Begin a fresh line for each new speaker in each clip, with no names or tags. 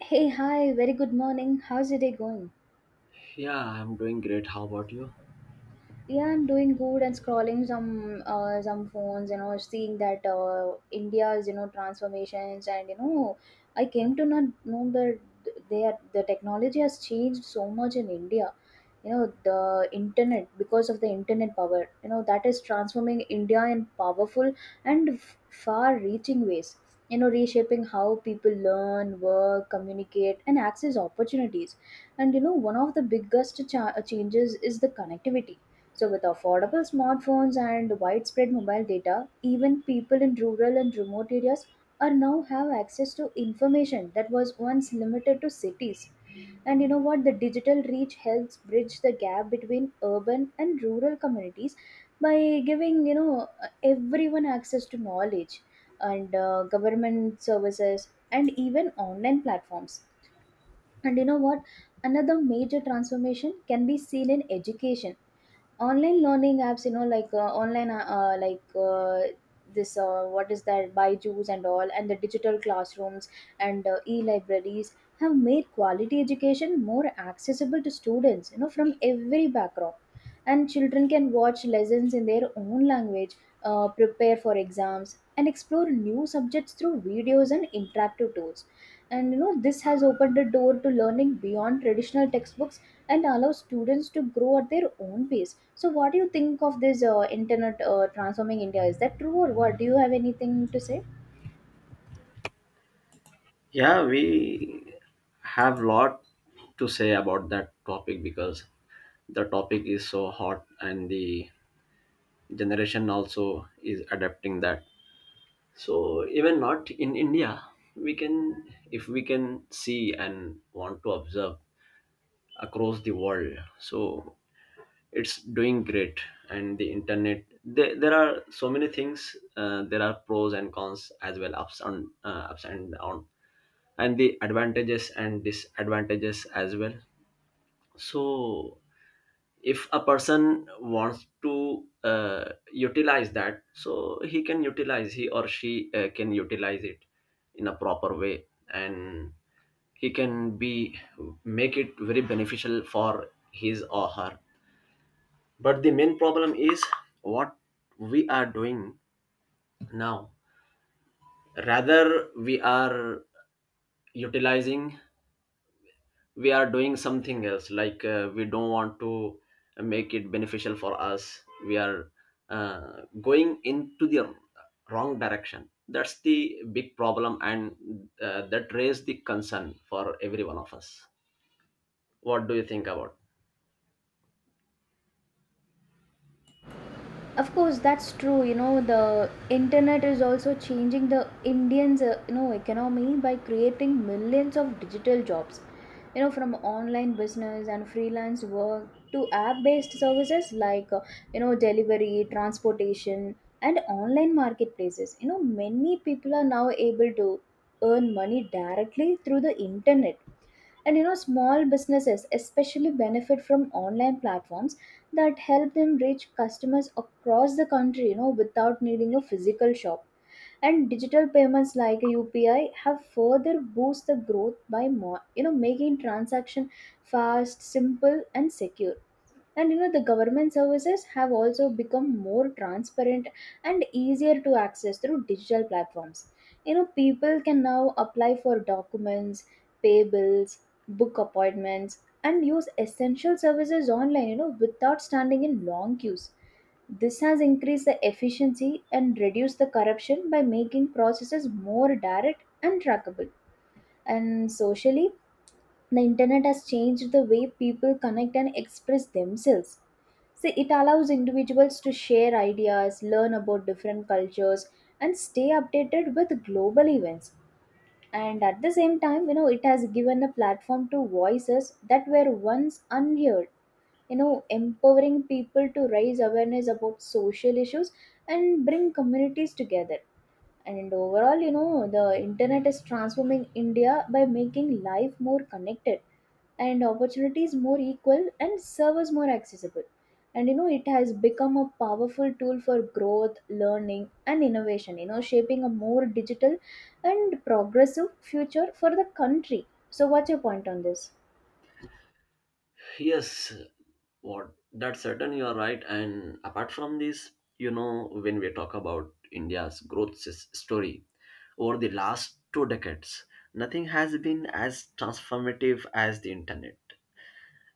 Hey, hi, very good morning. How's your day going?
Yeah, I'm doing great. How about you?
Yeah, I'm doing good and scrolling some phones, you know, seeing that India's, you know, transformations and you know, I came to not know that the technology has changed so much in India. You know, the internet, because of the internet power, you know, that is transforming India in powerful and far-reaching ways. You know, reshaping how people learn, work, communicate, and access opportunities. And you know, one of the biggest changes is the connectivity. So, with affordable smartphones and widespread mobile data, even people in rural and remote areas are now have access to information that was once limited to cities. And you know what? The digital reach helps bridge the gap between urban and rural communities by giving, you know, everyone access to knowledge and government services and even online platforms. And you know what? Another major transformation can be seen in education. Online learning apps, you know, like online like this what is that, Byju's and all, and the digital classrooms and e-libraries have made quality education more accessible to students, you know, from every background. And children can watch lessons in their own language, prepare for exams and explore new subjects through videos and interactive tools. And you know, this has opened the door to learning beyond traditional textbooks and allow students to grow at their own pace. So, what do you think of this internet transforming India? Is that true or what? Do you have anything to say?
Yeah, we have lot to say about that topic because the topic is so hot and the generation also is adapting that. So even not in India, we can if we can see and want to observe across the world. So it's doing great and the internet there, are so many things there are pros and cons as well ups and ups and downs and the advantages and disadvantages as well, so if a person wants to utilize that, so he can utilize, he or she can utilize it in a proper way, and he can be make it very beneficial for his or her. But the main problem is what we are doing now. Rather we are utilizing, we are doing something else, like we don't want to make it beneficial for us. We are going into the wrong direction. That's the big problem. And that raised the concern for every one of us. What do you think about?
Of course, that's true. You know, the internet is also changing the Indians, you know, economy by creating millions of digital jobs, you know, from online business and freelance work to app based services like, you know, delivery, transportation and online marketplaces. You know, many people are now able to earn money directly through the internet. And you know, small businesses especially benefit from online platforms that help them reach customers across the country, you know, without needing a physical shop. And digital payments like UPI have further boost the growth by more, you know, making transaction fast, simple, and secure. And you know, the government services have also become more transparent and easier to access through digital platforms. You know, people can now apply for documents, pay bills, book appointments and use essential services online, you know, without standing in long queues. This has increased the efficiency and reduced the corruption by making processes more direct and trackable. And socially, the internet has changed the way people connect and express themselves. See, it allows individuals to share ideas, learn about different cultures, and stay updated with global events. And at the same time, you know, it has given a platform to voices that were once unheard, you know, empowering people to raise awareness about social issues and bring communities together. And overall, you know, the internet is transforming India by making life more connected and opportunities more equal and servers more accessible. And you know, it has become a powerful tool for growth, learning, and innovation, you know, shaping a more digital and progressive future for the country. So, what's your point on this?
Yes, what that's certain, you are right. And apart from this, you know, when we talk about India's growth story over the last 2 decades, nothing has been as transformative as the internet.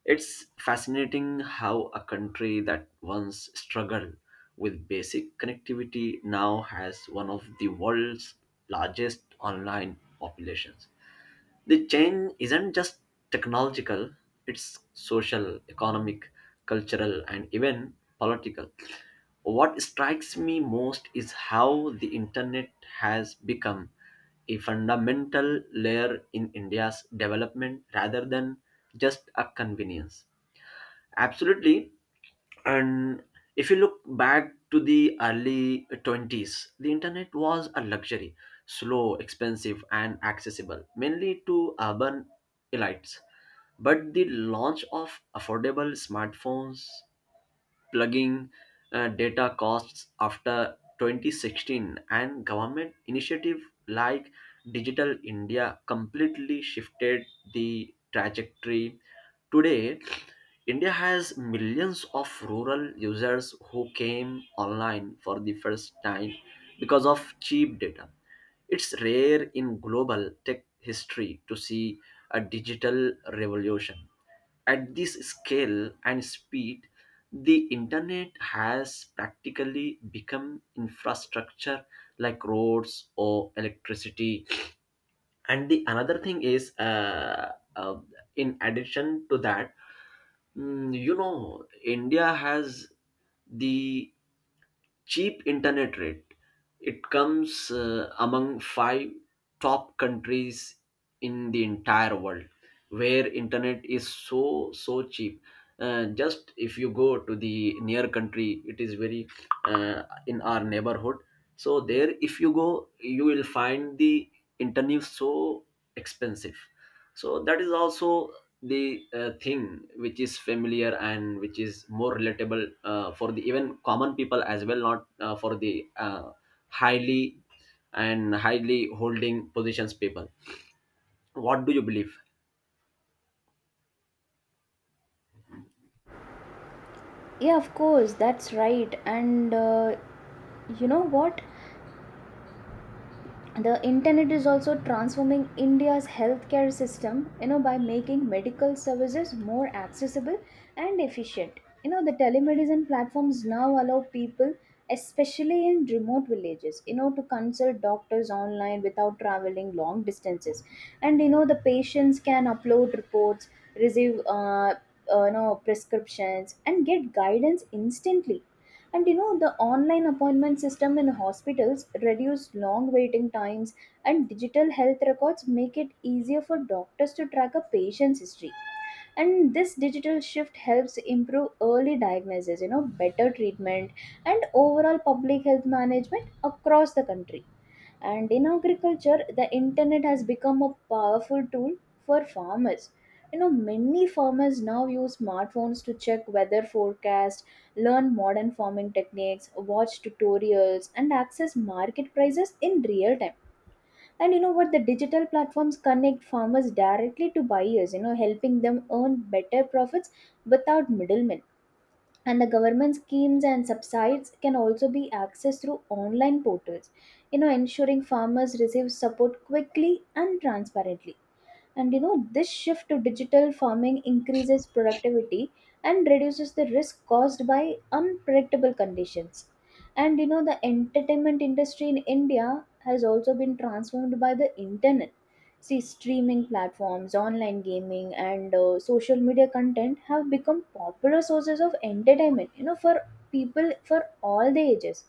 It's fascinating how a country that once struggled with basic connectivity now has one of the world's largest online populations. The change isn't just technological, it's social, economic, cultural, and even political. What strikes me most is how the internet has become a fundamental layer in India's development rather than just a convenience. Absolutely, and if you look back to the early 20s, the internet was a luxury, slow, expensive, and accessible mainly to urban elites. But the launch of affordable smartphones, plugging data costs after 2016, and government initiative like Digital India completely shifted the trajectory. Today, India has millions of rural users who came online for the first time because of cheap data. It's rare in global tech history to see a digital revolution at this scale and speed. The internet has practically become infrastructure like roads or electricity. And the another thing is, in addition to that, you know, India has the cheap internet rate. It comes among 5 top countries in the entire world where internet is so so cheap. Just if you go to the near country, it is very in our neighborhood. So there, if you go, you will find the internet so expensive. So that is also the thing which is familiar and which is more relatable for the even common people as well, not for the highly and highly holding positions people. What do you believe?
Yeah, of course, that's right. And you know what? The internet is also transforming India's healthcare system, you know, by making medical services more accessible and efficient. You know, the telemedicine platforms now allow people, especially in remote villages, you know, to consult doctors online without traveling long distances. And you know, the patients can upload reports, receive you know, prescriptions and get guidance instantly. And you know, the online appointment system in hospitals reduce long waiting times and digital health records make it easier for doctors to track a patient's history. And this digital shift helps improve early diagnosis, you know, better treatment and overall public health management across the country. And in agriculture, the internet has become a powerful tool for farmers. You know, many farmers now use smartphones to check weather forecast, learn modern farming techniques, watch tutorials and access market prices in real time. And you know what? The digital platforms connect farmers directly to buyers, you know, helping them earn better profits without middlemen. And the government schemes and subsides can also be accessed through online portals, you know, ensuring farmers receive support quickly and transparently. And you know, this shift to digital farming increases productivity and reduces the risk caused by unpredictable conditions. And you know, the entertainment industry in India has also been transformed by the internet. See, streaming platforms, online gaming, and social media content have become popular sources of entertainment, you know, for people for all the ages.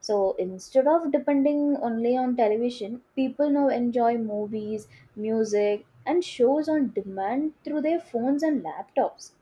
So instead of depending only on television, people now enjoy movies, music, and shows on demand through their phones and laptops.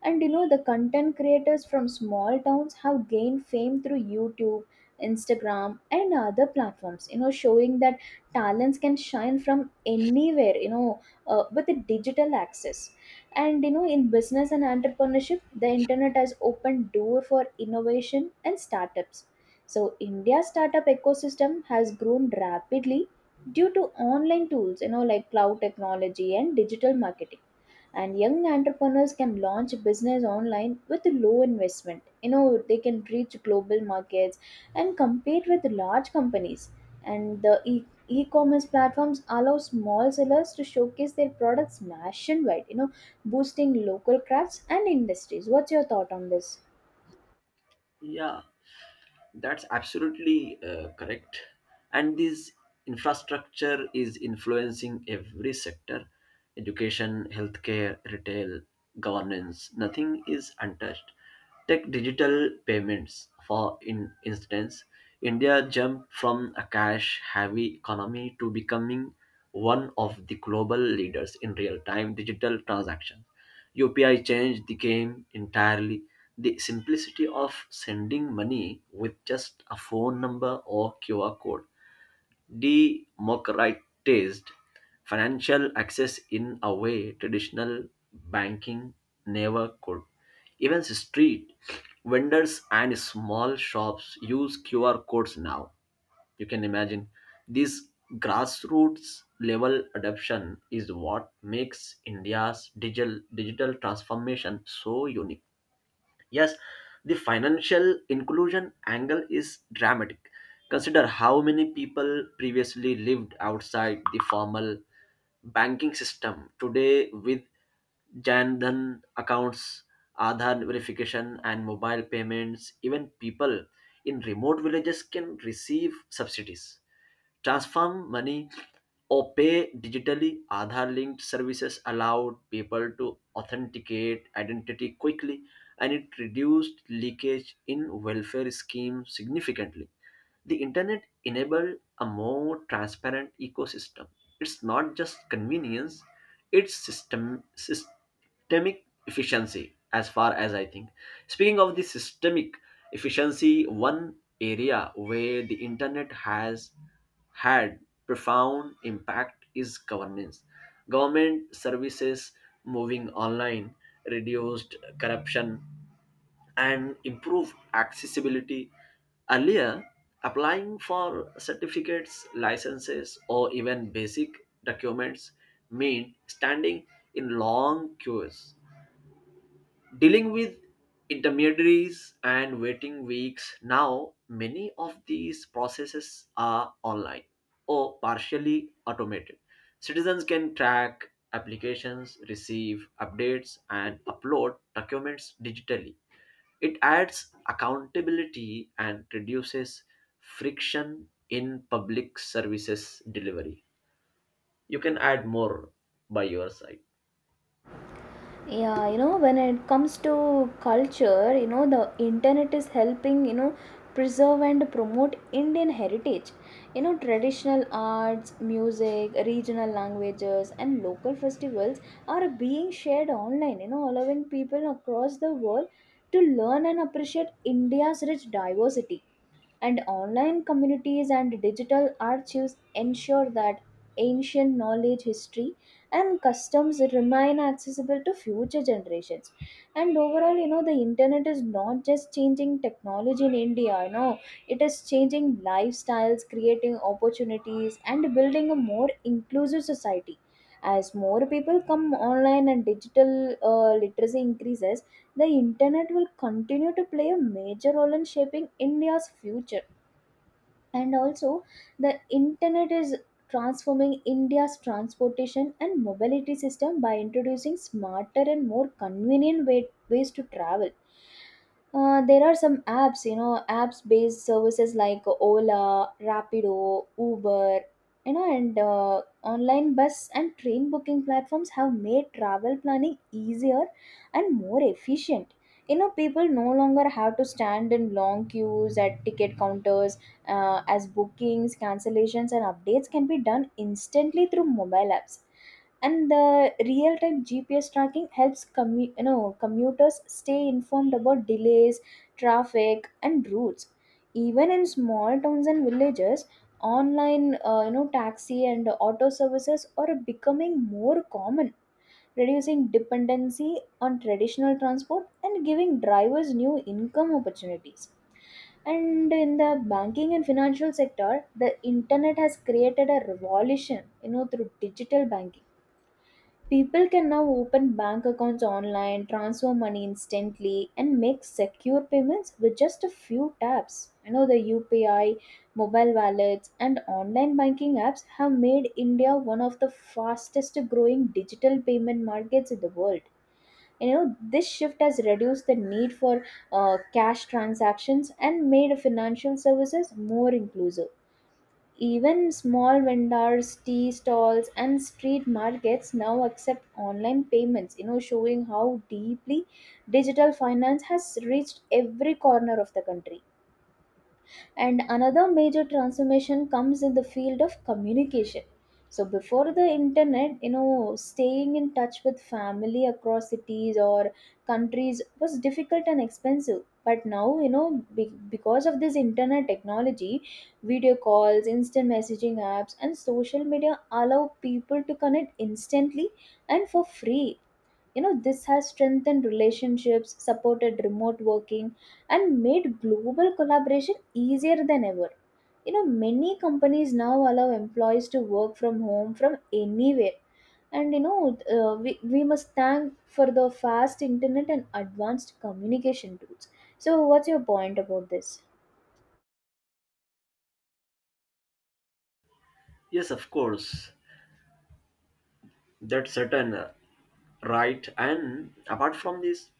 And you know, the content creators from small towns have gained fame through YouTube, Instagram, and other platforms, you know, showing that talents can shine from anywhere, you know, with the digital access. And you know, in business and entrepreneurship, the internet has opened door for innovation and startups. So India's startup ecosystem has grown rapidly due to online tools, you know, like cloud technology and digital marketing. And young entrepreneurs can launch a business online with low investment. You know, they can reach global markets and compete with large companies. And the e-commerce platforms allow small sellers to showcase their products nationwide, you know, boosting local crafts and industries. What's your thought on this?
Yeah, that's absolutely correct. And this infrastructure is influencing every sector: education, healthcare, retail, governance. Nothing is untouched. Take digital payments, for in instance. India jumped from a cash heavy economy to becoming one of the global leaders in real time digital transactions. UPI changed the game entirely. The simplicity of sending money with just a phone number or QR code democratized financial access in a way traditional banking never could. Even street vendors and small shops use QR codes now. You can imagine this grassroots level adoption is what makes India's digital transformation so unique. Yes, the financial inclusion angle is dramatic. Consider how many people previously lived outside the formal banking system. Today, with Jan Dhan accounts, Aadhaar verification, and mobile payments, even people in remote villages can receive subsidies, transfer money, or pay digitally. Aadhaar linked services allowed people to authenticate identity quickly, and it reduced leakage in welfare schemes significantly. The internet enabled a more transparent ecosystem. It's not just convenience, it's systemic efficiency, as far as I think. Speaking of the systemic efficiency, one area where the internet has had profound impact is governance. Government services moving online reduced corruption and improve accessibility. Earlier, applying for certificates, licenses, or even basic documents meant standing in long queues, dealing with intermediaries, and waiting weeks. Now, many of these processes are online or partially automated. Citizens can track applications, receive updates, and upload documents digitally. It adds accountability and reduces friction in public services delivery. You can add more by your side.
Yeah, you know, when it comes to culture, you know, the internet is helping, you know, preserve and promote Indian heritage. You know, traditional arts, music, regional languages and local festivals are being shared online, you know, allowing people across the world to learn and appreciate India's rich diversity. And online communities and digital archives ensure that ancient knowledge, history and customs remain accessible to future generations. And overall, you know, the internet is not just changing technology in India. You know, it is changing lifestyles, creating opportunities and building a more inclusive society. As more people come online and digital, literacy increases, the internet will continue to play a major role in shaping India's future. And also, the internet is transforming India's transportation and mobility system by introducing smarter and more convenient ways to travel. There are some apps, you know, apps based services like Ola, Rapido, Uber, you know, and online bus and train booking platforms have made travel planning easier and more efficient. You know, people no longer have to stand in long queues at ticket counters, as bookings, cancellations, and updates can be done instantly through mobile apps. And the real-time GPS tracking helps you know, commuters stay informed about delays, traffic, and routes. Even in small towns and villages, online, you know, taxi and auto services are becoming more common, reducing dependency on traditional transport and giving drivers new income opportunities. And in the banking and financial sector, the internet has created a revolution, you know, through digital banking. People can now open bank accounts online, transfer money instantly, and make secure payments with just a few taps. You know, the UPI, mobile wallets, and online banking apps have made India one of the fastest growing digital payment markets in the world. You know, this shift has reduced the need for cash transactions and made financial services more inclusive. Even small vendors, tea stalls, and street markets now accept online payments, you know, showing how deeply digital finance has reached every corner of the country. And another major transformation comes in the field of communication. So before the internet, you know, staying in touch with family across cities or countries was difficult and expensive. But now, you know, because of this internet technology, video calls, instant messaging apps, and social media allow people to connect instantly and for free. You know, this has strengthened relationships, supported remote working and made global collaboration easier than ever. You know, many companies now allow employees to work from home from anywhere. And you know, we must thank for the fast internet and advanced communication tools. So, what's your point about this?
Yes, of course, that's certain, right? And apart from this,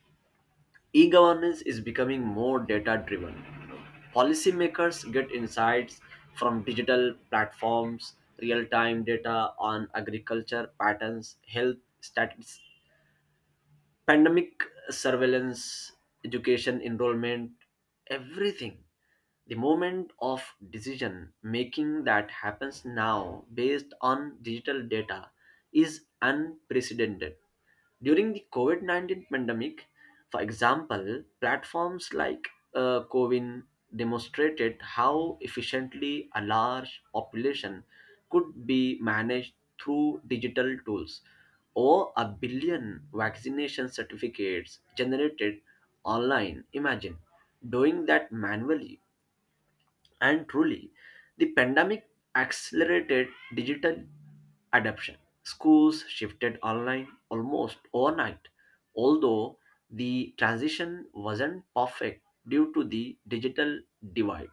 e governance is becoming more data driven. Policymakers get insights from digital platforms, real time data on agriculture patterns, health stats, pandemic surveillance, education enrollment, everything. The moment of decision making that happens now based on digital data is unprecedented. During the COVID 19 pandemic, for example, platforms like Covin demonstrated how efficiently a large population could be managed through digital tools. Over a billion vaccination certificates generated online. Imagine doing that manually. And truly, the pandemic accelerated digital adoption. Schools shifted online almost overnight, although the transition wasn't perfect due to the digital divide.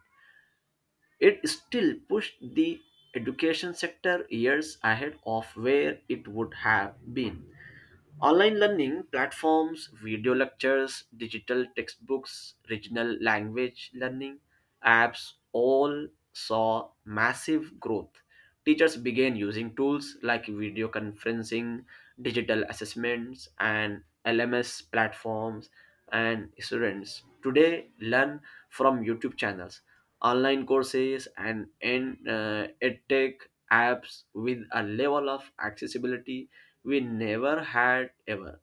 It still pushed the education sector years ahead of where it would have been. Online learning platforms, video lectures, digital textbooks, regional language learning apps all saw massive growth. Teachers began using tools like video conferencing, digital assessments, and LMS platforms, and students today learn from YouTube channels, online courses, and edtech apps with a level of accessibility we never had ever.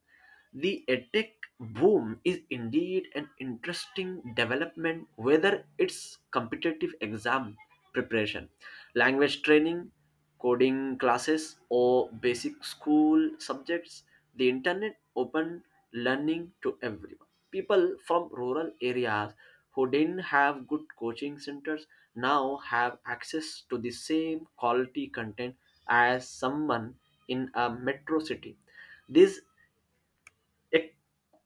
The edtech boom is indeed an interesting development, whether it's competitive exam preparation, language training, coding classes, or basic school subjects. The internet opened learning to everyone. People from rural areas who didn't have good coaching centers now have access to the same quality content as someone in a metro city. This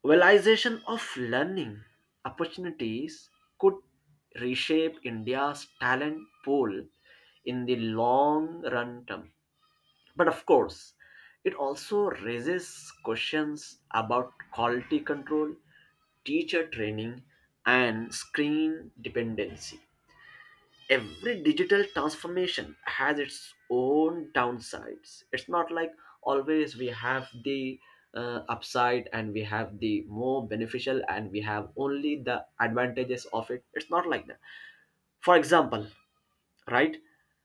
realization of learning opportunities could reshape India's talent pool in the long run term. But of course, it also raises questions about quality control, teacher training, and screen dependency. Every digital transformation has its own downsides. It's not like always we have the upside and we have the more beneficial and we have only the advantages of it. It's not like that. For example, right?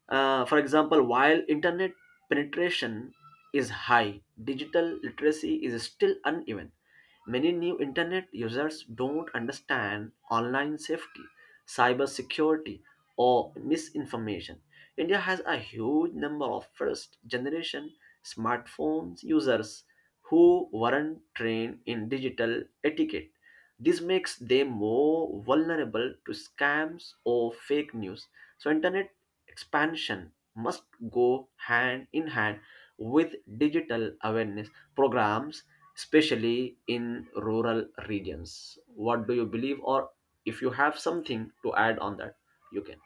For example, while internet penetration is high, digital literacy is still uneven. Many new internet users don't understand online safety, cyber security, or misinformation. India has a huge number of first generation smartphones users who weren't trained in digital etiquette. This makes them more vulnerable to scams or fake news. So internet expansion must go hand in hand with digital awareness programs, especially in rural regions. What do you believe, or if you have something to add on that, you can.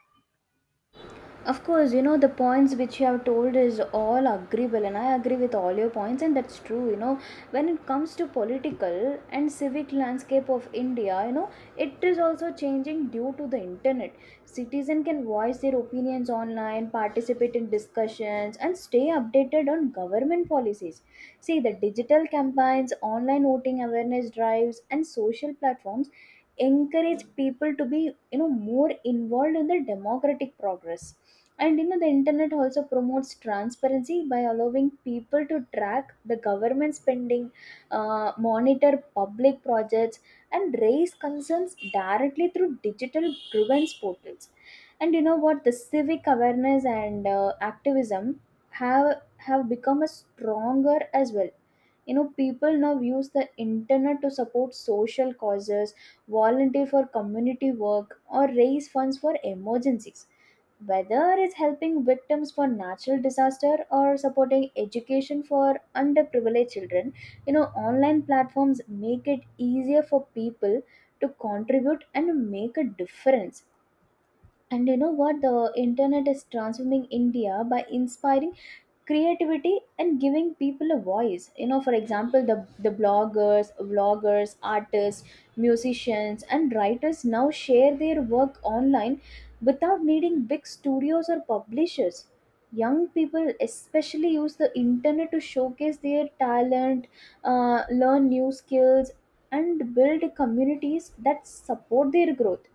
Of course, you know, the points which you have told is all agreeable, and I agree with all your points, and that's true. You know, when it comes to political and civic landscape of India, you know, it is also changing due to the internet. Citizen can voice their opinions online, participate in discussions, and stay updated on government policies. See, the digital campaigns, online voting awareness drives, and social platforms encourage people to be, you know, more involved in the democratic progress. And you know, the internet also promotes transparency by allowing people to track the government spending, monitor public projects, and raise concerns directly through digital grievance portals. And you know what? The civic awareness and activism have become a stronger as well. You know, people now use the internet to support social causes, volunteer for community work, or raise funds for emergencies, whether it's helping victims for natural disaster or supporting education for underprivileged children. You know, online platforms make it easier for people to contribute and make a difference. And you know what, the internet is transforming India by inspiring creativity and giving people a voice. You know, for example, the bloggers, vloggers, artists, musicians and writers now share their work online without needing big studios or publishers. Young people especially use the internet to showcase their talent, learn new skills, and build communities that support their growth.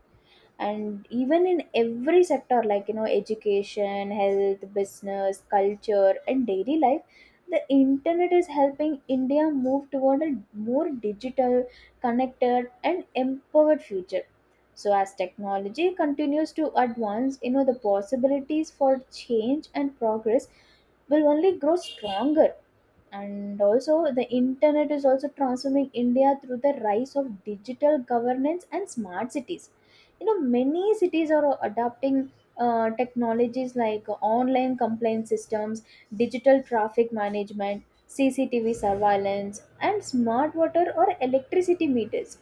And even in every sector like, you know, education, health, business, culture and daily life, the internet is helping India move toward a more digital, connected and empowered future. So as technology continues to advance, you know, the possibilities for change and progress will only grow stronger. And also, the internet is also transforming India through the rise of digital governance and smart cities. You know, many cities are adopting, technologies like online complaint systems, digital traffic management, CCTV surveillance and smart water or electricity meters.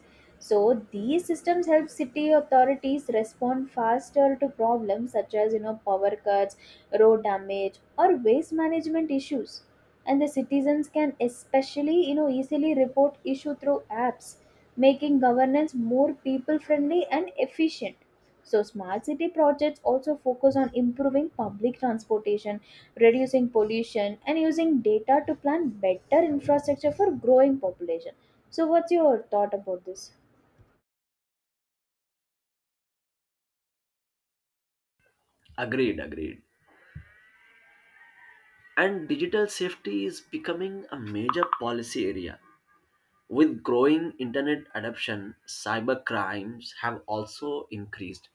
So these systems help city authorities respond faster to problems such as, you know, power cuts, road damage or waste management issues. And the citizens can especially, you know, easily report issue through apps, making governance more people friendly and efficient. So smart city projects also focus on improving public transportation, reducing pollution and using data to plan better infrastructure for growing population. So what's your thought about this?
Agreed, agreed. And digital safety is becoming a major policy area. With growing internet adoption, cyber crimes have also increased.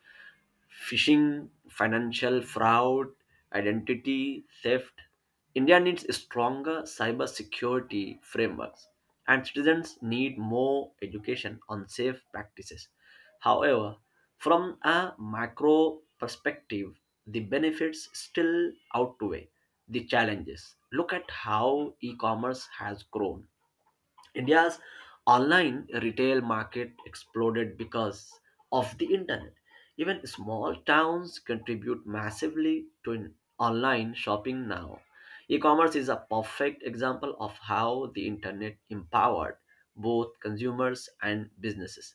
Phishing, financial fraud, identity theft. India needs stronger cyber security frameworks, and citizens need more education on safe practices. However, from a macro perspective, the benefits still outweigh the challenges. Look at how e commerce has grown. India's online retail market exploded because of the internet. Even small towns contribute massively to online shopping now. E commerce is a perfect example of how the internet empowered both consumers and businesses.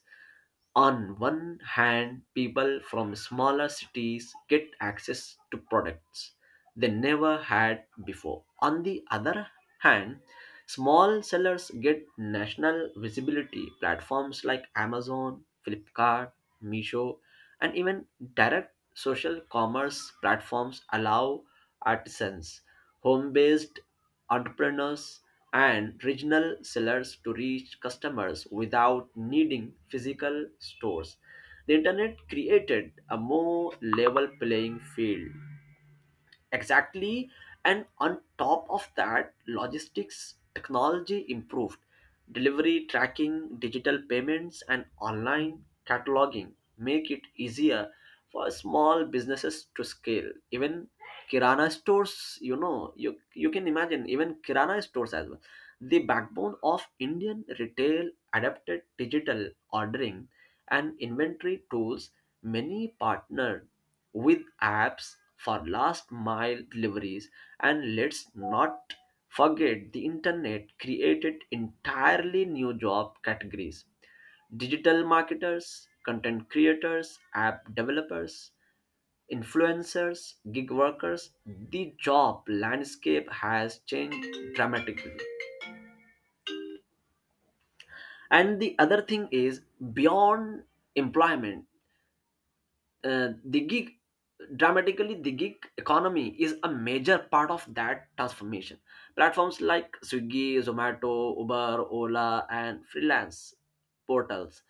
On one hand, people from smaller cities get access to products they never had before. On the other hand, small sellers get national visibility. Platforms like Amazon, Flipkart, Meesho, and even direct social commerce platforms allow artisans, home based entrepreneurs, and regional sellers to reach customers without needing physical stores. The internet created a more level playing field. Exactly. And on top of that, logistics technology improved. Delivery tracking, digital payments, and online cataloging make it easier for small businesses to scale. Even Kirana stores, you know, you can imagine, even Kirana stores as well. The backbone of Indian retail adapted digital ordering and inventory tools. Many partnered with apps for last mile deliveries. And let's not forget the internet created entirely new job categories: digital marketers, content creators, app developers, influencers, gig workers. The job landscape has changed dramatically. And the other thing is, beyond employment, uh, the gig the gig economy is a major part of that transformation. Platforms like Swiggy, Zomato, Uber, Ola, and freelance portals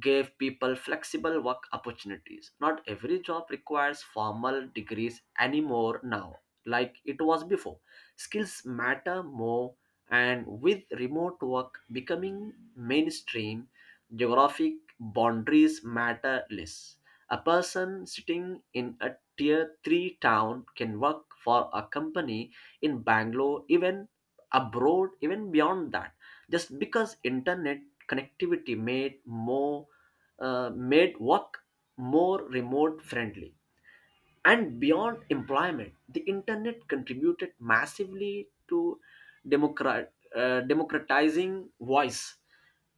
gave people flexible work opportunities. Not every job requires formal degrees anymore now, like it was before. Skills matter more, and with remote work becoming mainstream, geographic boundaries matter less. A person sitting in a tier 3 town can work for a company in Bangalore, even abroad, even beyond that, just because internet connectivity made more made work more remote friendly. And beyond employment, the internet contributed massively to democratizing voice.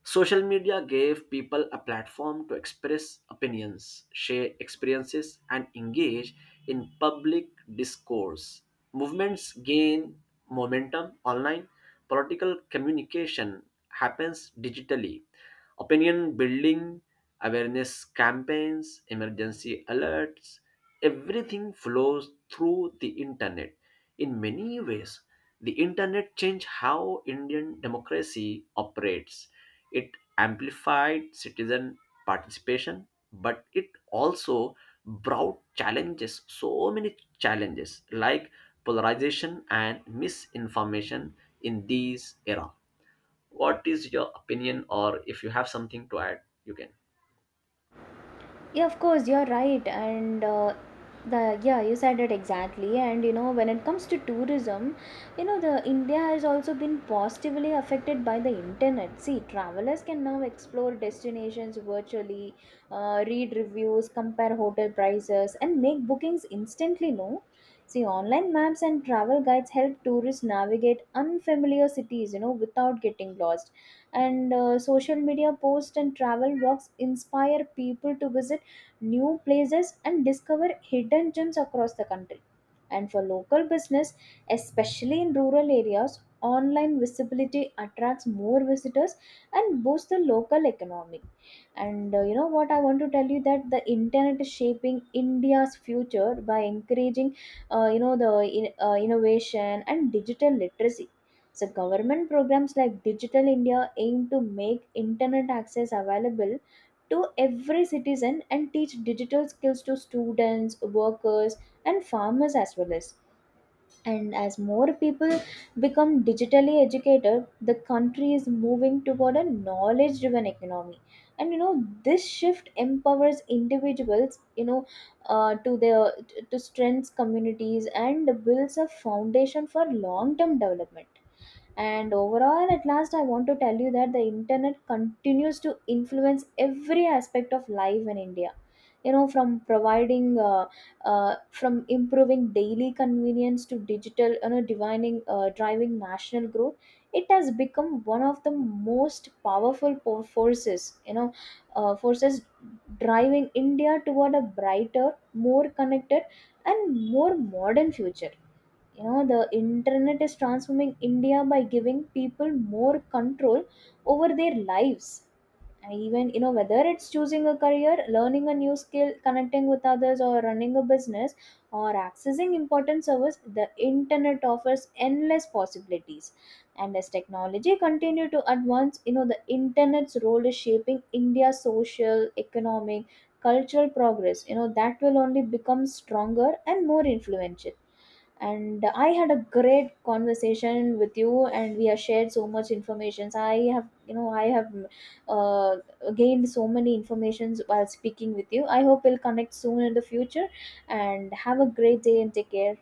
Social media gave people a platform to express opinions, share experiences, and engage in public discourse. Movements gain momentum online. Political communication happens digitally. Opinion building, awareness campaigns, emergency alerts, everything flows through the internet. In many ways, the internet changed how Indian democracy operates. It amplified citizen participation, but it also brought challenges, so many challenges like polarization and misinformation in these era. What is your opinion, or if you have something to add, you can.
Yeah, of course, you're right. And the yeah, you said it exactly. And you know, when it comes to tourism, you know, the India has also been positively affected by the internet. See, travelers can now explore destinations virtually, read reviews, compare hotel prices, and make bookings instantly. No. See, online maps and travel guides help tourists navigate unfamiliar cities, you know, without getting lost. And social media posts and travel blogs inspire people to visit new places and discover hidden gems across the country. And for local business, especially in rural areas, online visibility attracts more visitors and boosts the local economy. And you know what, I want to tell you that the internet is shaping India's future by encouraging, you know, the innovation and digital literacy. So government programs like Digital India aim to make internet access available to every citizen and teach digital skills to students, workers, and farmers as well as. And as more people become digitally educated, the country is moving toward a knowledge driven economy. And you know, this shift empowers individuals, you know, uh, to their to strengths communities and builds a foundation for long term development. And overall, at last, I want to tell you that the internet continues to influence every aspect of life in India. You know, from providing, from improving daily convenience to digital, you know, driving national growth, it has become one of the most powerful forces, you know, forces driving India toward a brighter, more connected, and more modern future. You know, the internet is transforming India by giving people more control over their lives. And even, you know, whether it's choosing a career, learning a new skill, connecting with others or running a business or accessing important service, the internet offers endless possibilities. And as technology continue to advance, you know, the internet's role is shaping India's social, economic, cultural progress, you know, that will only become stronger and more influential. And I had a great conversation with you and we have shared so much information. I have you know i have uh, gained so many informations while speaking with you. I hope we'll connect soon in the future and have a great day and take care.